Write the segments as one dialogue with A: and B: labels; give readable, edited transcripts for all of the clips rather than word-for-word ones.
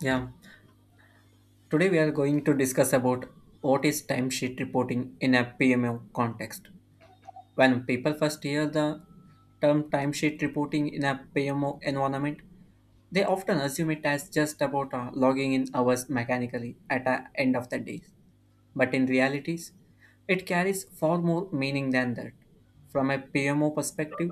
A: Yeah, today we are going to discuss about what is timesheet reporting in a PMO context. When people first hear the term timesheet reporting in a PMO environment, they often assume it as just about logging in hours mechanically at the end of the day but in realities, it carries far more meaning than that. From a PMO perspective,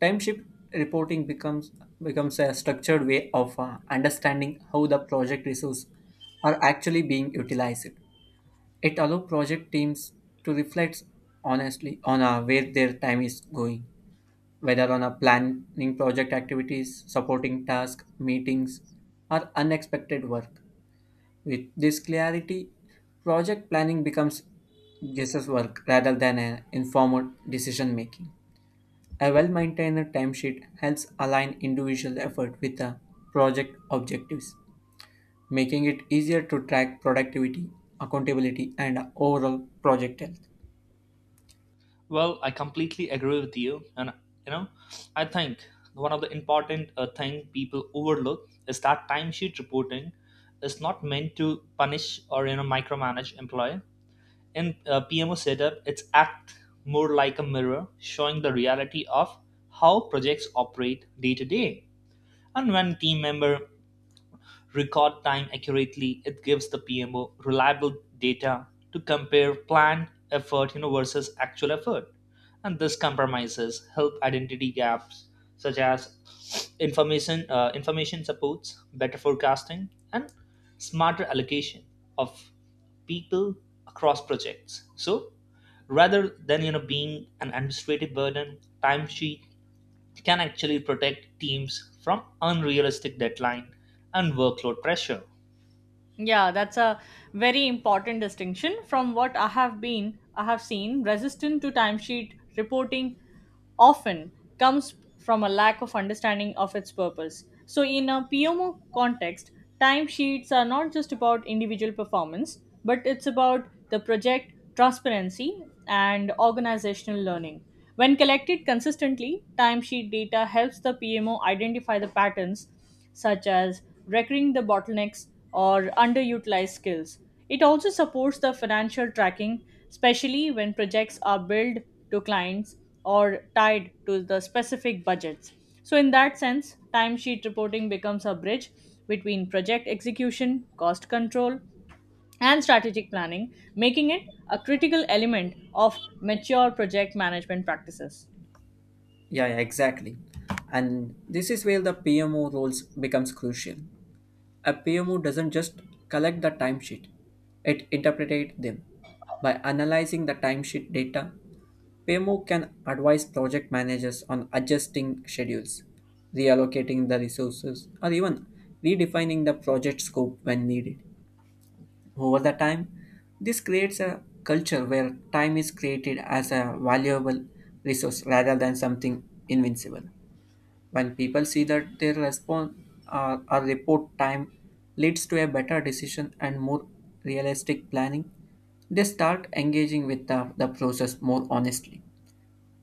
A: timeship reporting becomes a structured way of understanding how the project resources are actually being utilized. It allows project teams to reflect honestly on where their time is going, whether on a planning project activities, supporting tasks, meetings, or unexpected work. With this clarity, project planning becomes guess's work rather than an informed decision making. A well maintained timesheet helps align individual effort with the project objectives, making it easier to track productivity, accountability, and overall project health.
B: Well, I completely agree with you, and you know, I think one of the important thing people overlook is that timesheet reporting is not meant to punish or micromanage employee. In PMO setup, it's act more like a mirror, showing the reality of how projects operate day to day. And when team member record time accurately, it gives the PMO reliable data to compare planned effort, versus actual effort. And this compromises help identity gaps such as information supports, better forecasting, and smarter allocation of people across projects. So rather than being an administrative burden, timesheet can actually protect teams from unrealistic deadline and workload pressure.
C: Yeah, that's a very important distinction from what I have seen resistant to timesheet reporting often comes from a lack of understanding of its purpose. So, in a PMO context, timesheets are not just about individual performance, but it's about the project transparency and organizational learning. When collected consistently, timesheet data helps the PMO identify the patterns such as recurring the bottlenecks or underutilized skills. It also supports the financial tracking, especially when projects are billed to clients or tied to the specific budgets. So, in that sense, timesheet reporting becomes a bridge between project execution, cost control, and strategic planning, making it a critical element of mature project management practices.
A: Yeah, yeah, exactly. And this is where the PMO roles becomes crucial. A PMO doesn't just collect the timesheet, it interpreted them by analyzing the timesheet data PMO can advise project managers on adjusting schedules, reallocating the resources, or even redefining the project scope when needed. Over the time, this creates a culture where time is created as a valuable resource rather than something invincible. When people see that their response or report time leads to a better decision and more realistic planning, they start engaging with the process more honestly.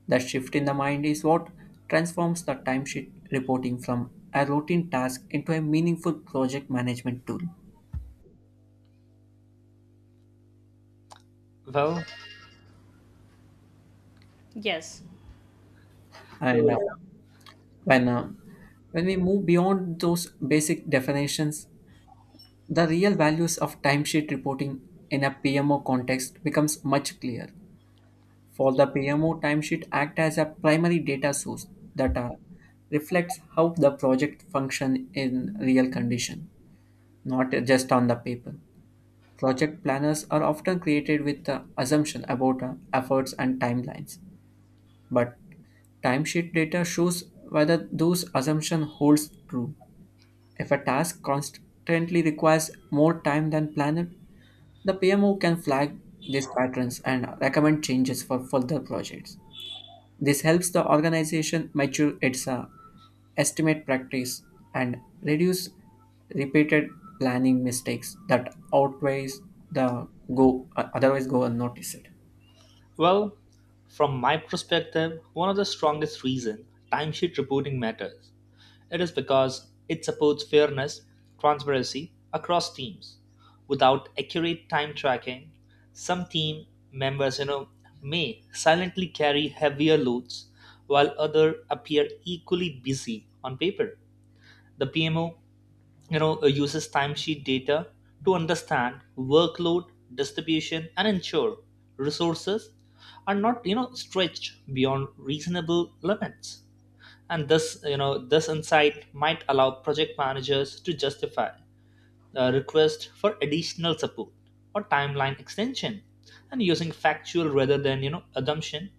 A: That shift in the mind is what transforms the timesheet reporting from a routine task into a meaningful project management tool.
B: Well,
C: Yes.
A: And
B: so yeah.
A: when When we move beyond those basic definitions, the real values of timesheet reporting in a PMO context becomes much clearer. For the PMO, timesheet act as a primary data source that reflects how the project function in real condition, not just on the paper. Project planners are often created with the assumption about efforts and timelines, but timesheet data shows whether those assumption holds true. If a task constantly requires more time than planned, the PMO can flag these patterns and recommend changes for further projects. This helps the organization mature its estimate practice and reduce repeated planning mistakes that outweighs the go otherwise go unnoticed.
B: Well, from my perspective, one of the strongest reason timesheet reporting matters. It is because it supports fairness, transparency across teams. Without accurate time tracking, some team members, you know, may silently carry heavier loads while other appear equally busy on paper. The PMO, uses timesheet data to understand workload distribution and ensure resources are not stretched beyond reasonable limits. And this you know this insight might allow project managers to justify a request for additional support or timeline extension, and using factual rather than assumption.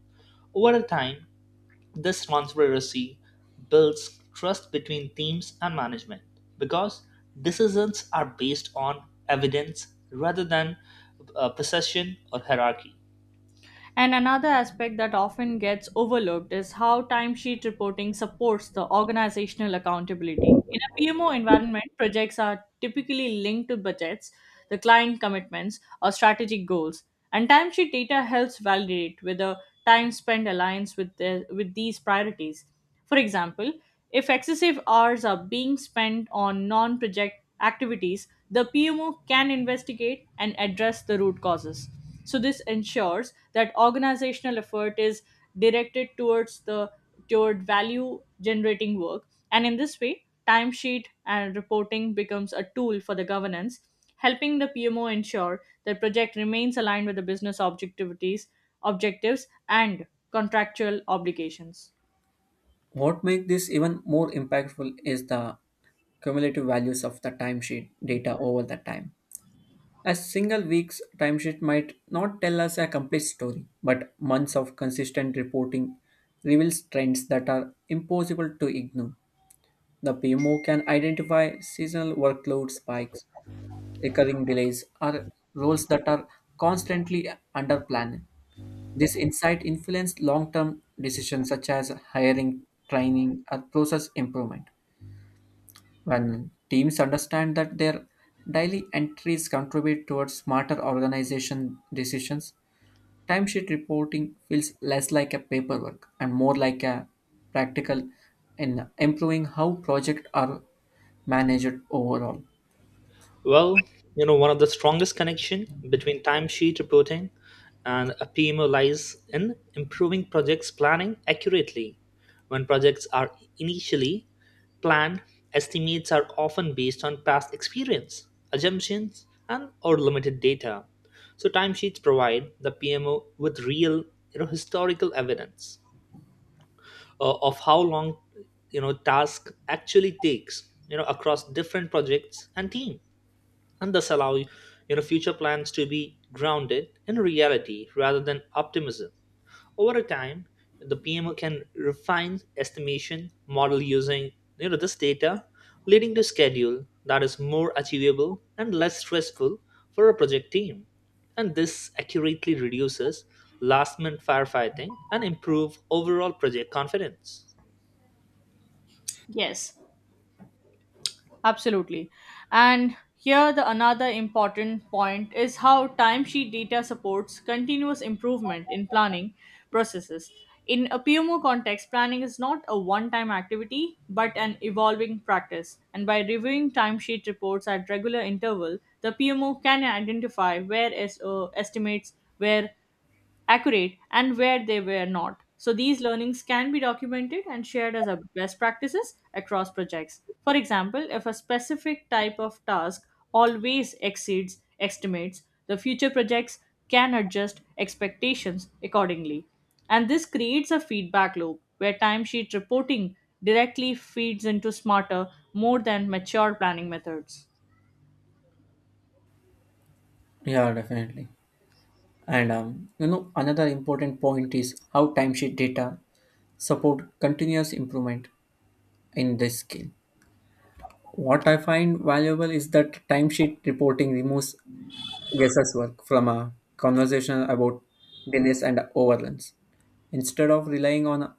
B: Over time, this transparency builds trust between teams and management, because decisions are based on evidence rather than possession or hierarchy.
C: And another aspect that often gets overlooked is how timesheet reporting supports the organizational accountability. In a PMO environment, projects are typically linked to budgets, the client commitments, or strategic goals. And timesheet data helps validate whether time spent aligns with, with these priorities. For example, if excessive hours are being spent on non project activities, the PMO can investigate and address the root causes. So, this ensures that organizational effort is directed toward value generating work, and in this way timesheet and reporting becomes a tool for the governance, helping the PMO ensure that project remains aligned with the business objectivities objectives and contractual obligations.
A: What makes this even more impactful is the cumulative values of the timesheet data over the time. A single week's timesheet might not tell us a complete story, but months of consistent reporting reveals trends that are impossible to ignore. The PMO can identify seasonal workload spikes, recurring delays, or roles that are constantly under plan. This insight influences long term decisions such as hiring, training, or process improvement. When teams understand that their daily entries contribute towards smarter organization decisions, timesheet reporting feels less like a paperwork and more like a practical in improving how projects are managed overall.
B: Well, you know, one of the strongest connection between timesheet reporting and a PMO lies in improving projects planning accurately. When projects are initially planned, estimates are often based on past experience, assumptions, and or limited data. So timesheets provide the PMO with real, you know, historical evidence of how long, you know, task actually takes, you know, across different projects and teams, and thus allow future plans to be grounded in reality rather than optimism. Over time, the PMO can refine estimation model using this data, leading to schedule that is more achievable and less stressful for a project team. And this accurately reduces last minute firefighting and improve overall project confidence.
C: Yes. Absolutely. And here the another important point is how timesheet data supports continuous improvement in planning processes. In a PMO context, planning is not a one-time activity but an evolving practice. And by reviewing timesheet reports at regular interval, the PMO can identify where estimates were accurate and where they were not. So these learnings can be documented and shared as a best practices across projects. For example, if a specific type of task always exceeds estimates, the future projects can adjust expectations accordingly. And this creates a feedback loop where timesheet reporting directly feeds into smarter, more than mature planning methods.
A: Yeah, definitely. And you know, another important point is how timesheet data support continuous improvement in this skill. What I find valuable is that timesheet reporting removes guesswork from a conversation about delays and overruns. Instead of relying on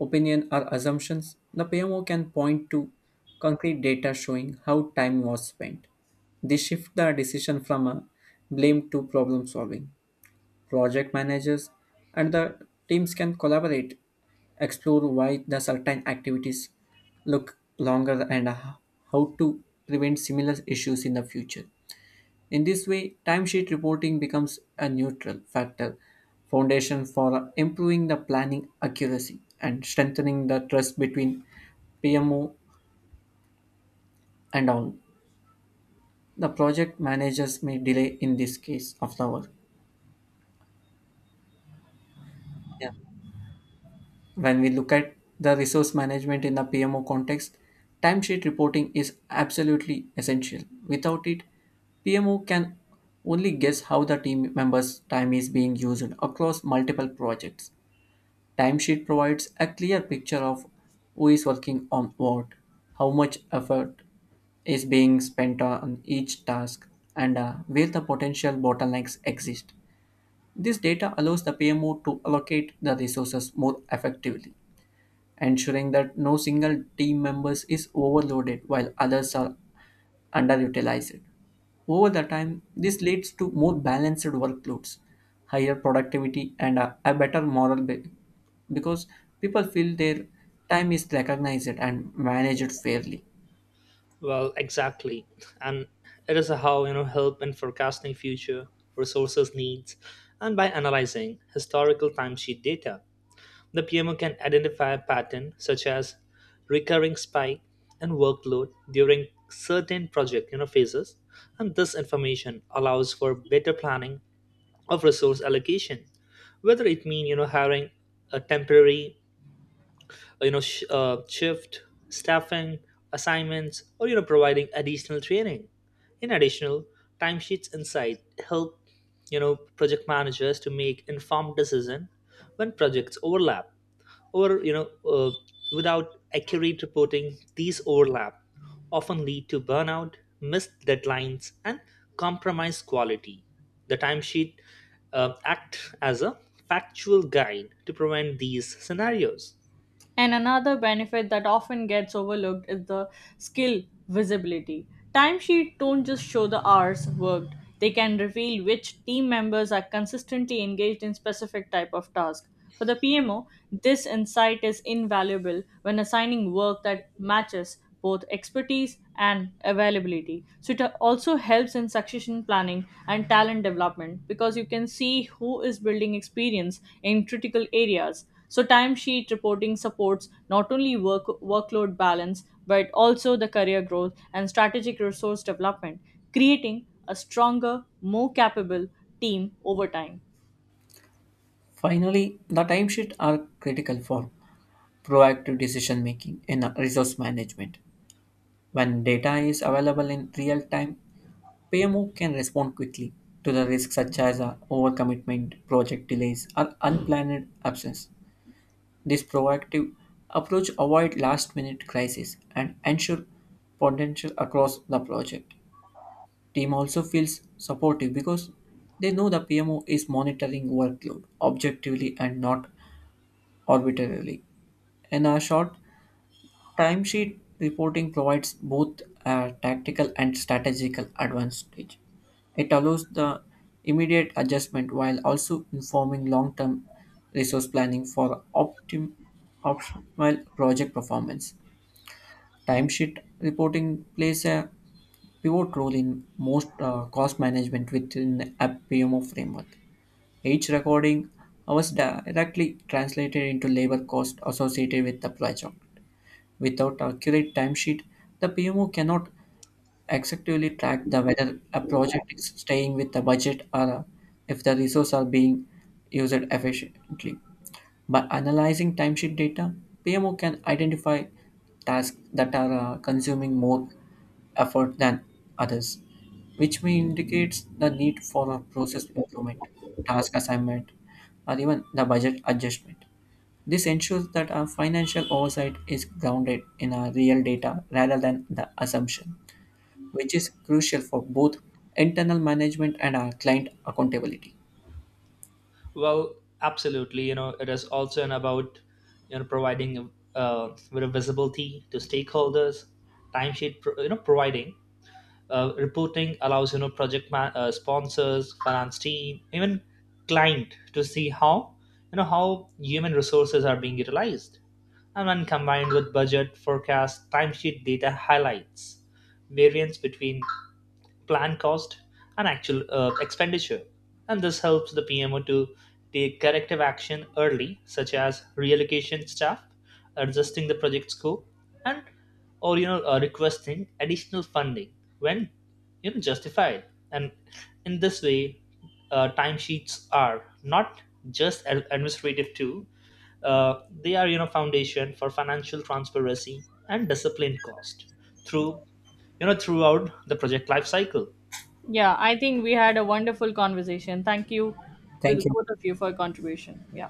A: opinion or assumptions, the PMO can point to concrete data showing how time was spent. This shift the decision from a blame to problem solving. Project managers and the teams can collaborate, explore why the certain activities look longer and how to prevent similar issues in the future. In this way, timesheet reporting becomes a neutral factor foundation for improving the planning accuracy and strengthening the trust between PMO and all. The project managers may delay in this case of the work. Yeah. When we look at the resource management in the PMO context, timesheet reporting is absolutely essential. Without it, PMO can only guess how the team members' time is being used across multiple projects. Timesheet provides a clear picture of who is working on what, how much effort is being spent on each task, and where the potential bottlenecks exist. This data allows the PMO to allocate the resources more effectively, ensuring that no single team member is overloaded while others are underutilized. Over the time, this leads to more balanced workloads, higher productivity, and a better moral because people feel their time is recognized and managed fairly.
B: Well, exactly. And it is how, help in forecasting future resources needs, and by analyzing historical timesheet data, the PMO can identify a pattern such as recurring spike in workload during certain project, phases. And this information allows for better planning of resource allocation, whether it mean hiring a temporary, shift staffing assignments, or providing additional training. In additional, timesheets insight help, project managers to make informed decision when projects overlap, or without accurate reporting these overlap often lead to burnout, missed deadlines and compromised quality. The timesheet act as a factual guide to prevent these scenarios.
C: And another benefit that often gets overlooked is the skill visibility. Timesheets don't just show the hours worked, they can reveal which team members are consistently engaged in specific type of task. For the PMO, this insight is invaluable when assigning work that matches both expertise and availability. So it also helps in succession planning and talent development because you can see who is building experience in critical areas, so timesheet reporting supports not only workload balance but also the career growth and strategic resource development, creating a stronger, more capable team over time.
A: Finally, the timesheets are critical for proactive decision making in a resource management. When data is available in real time, PMO can respond quickly to the risks such as a overcommitment, project delays, or unplanned absence. This proactive approach avoids last-minute crises and ensure potential across the project. Team also feels supportive because they know the PMO is monitoring workload objectively and not arbitrarily. In a short, timesheet reporting provides both a tactical and strategical advantage. It allows the immediate adjustment while also informing long term resource planning for optimal project performance. Timesheet reporting plays a pivot role in most cost management within a PMO framework. Each recording was directly translated into labor cost associated with the project. Without accurate timesheet, the PMO cannot effectively track the whether a project is staying with the budget or if the resources are being used efficiently. By analyzing timesheet data, PMO can identify tasks that are consuming more effort than others, which may indicates the need for a process improvement, task assignment, or even the budget adjustment. This ensures that our financial oversight is grounded in our real data rather than the assumption, which is crucial for both internal management and our client accountability.
B: Well, absolutely. You know, it is also an about, providing with a visibility to stakeholders, timesheet. You know, providing reporting allows, project man, sponsors, finance team, even client to see how, how human resources are being utilized. And when combined with budget, forecast, timesheet data highlights variance between plan cost and actual expenditure. And this helps the PMO to take corrective action early, such as reallocation staff, adjusting the project scope, and or requesting additional funding when justified. And in this way, timesheets are not just administrative too, they are, foundation for financial transparency and disciplined cost through, throughout the project life cycle.
C: Yeah, I think we had a wonderful conversation. Thank you to the
A: Thank you.
C: both of you for your contribution. Yeah.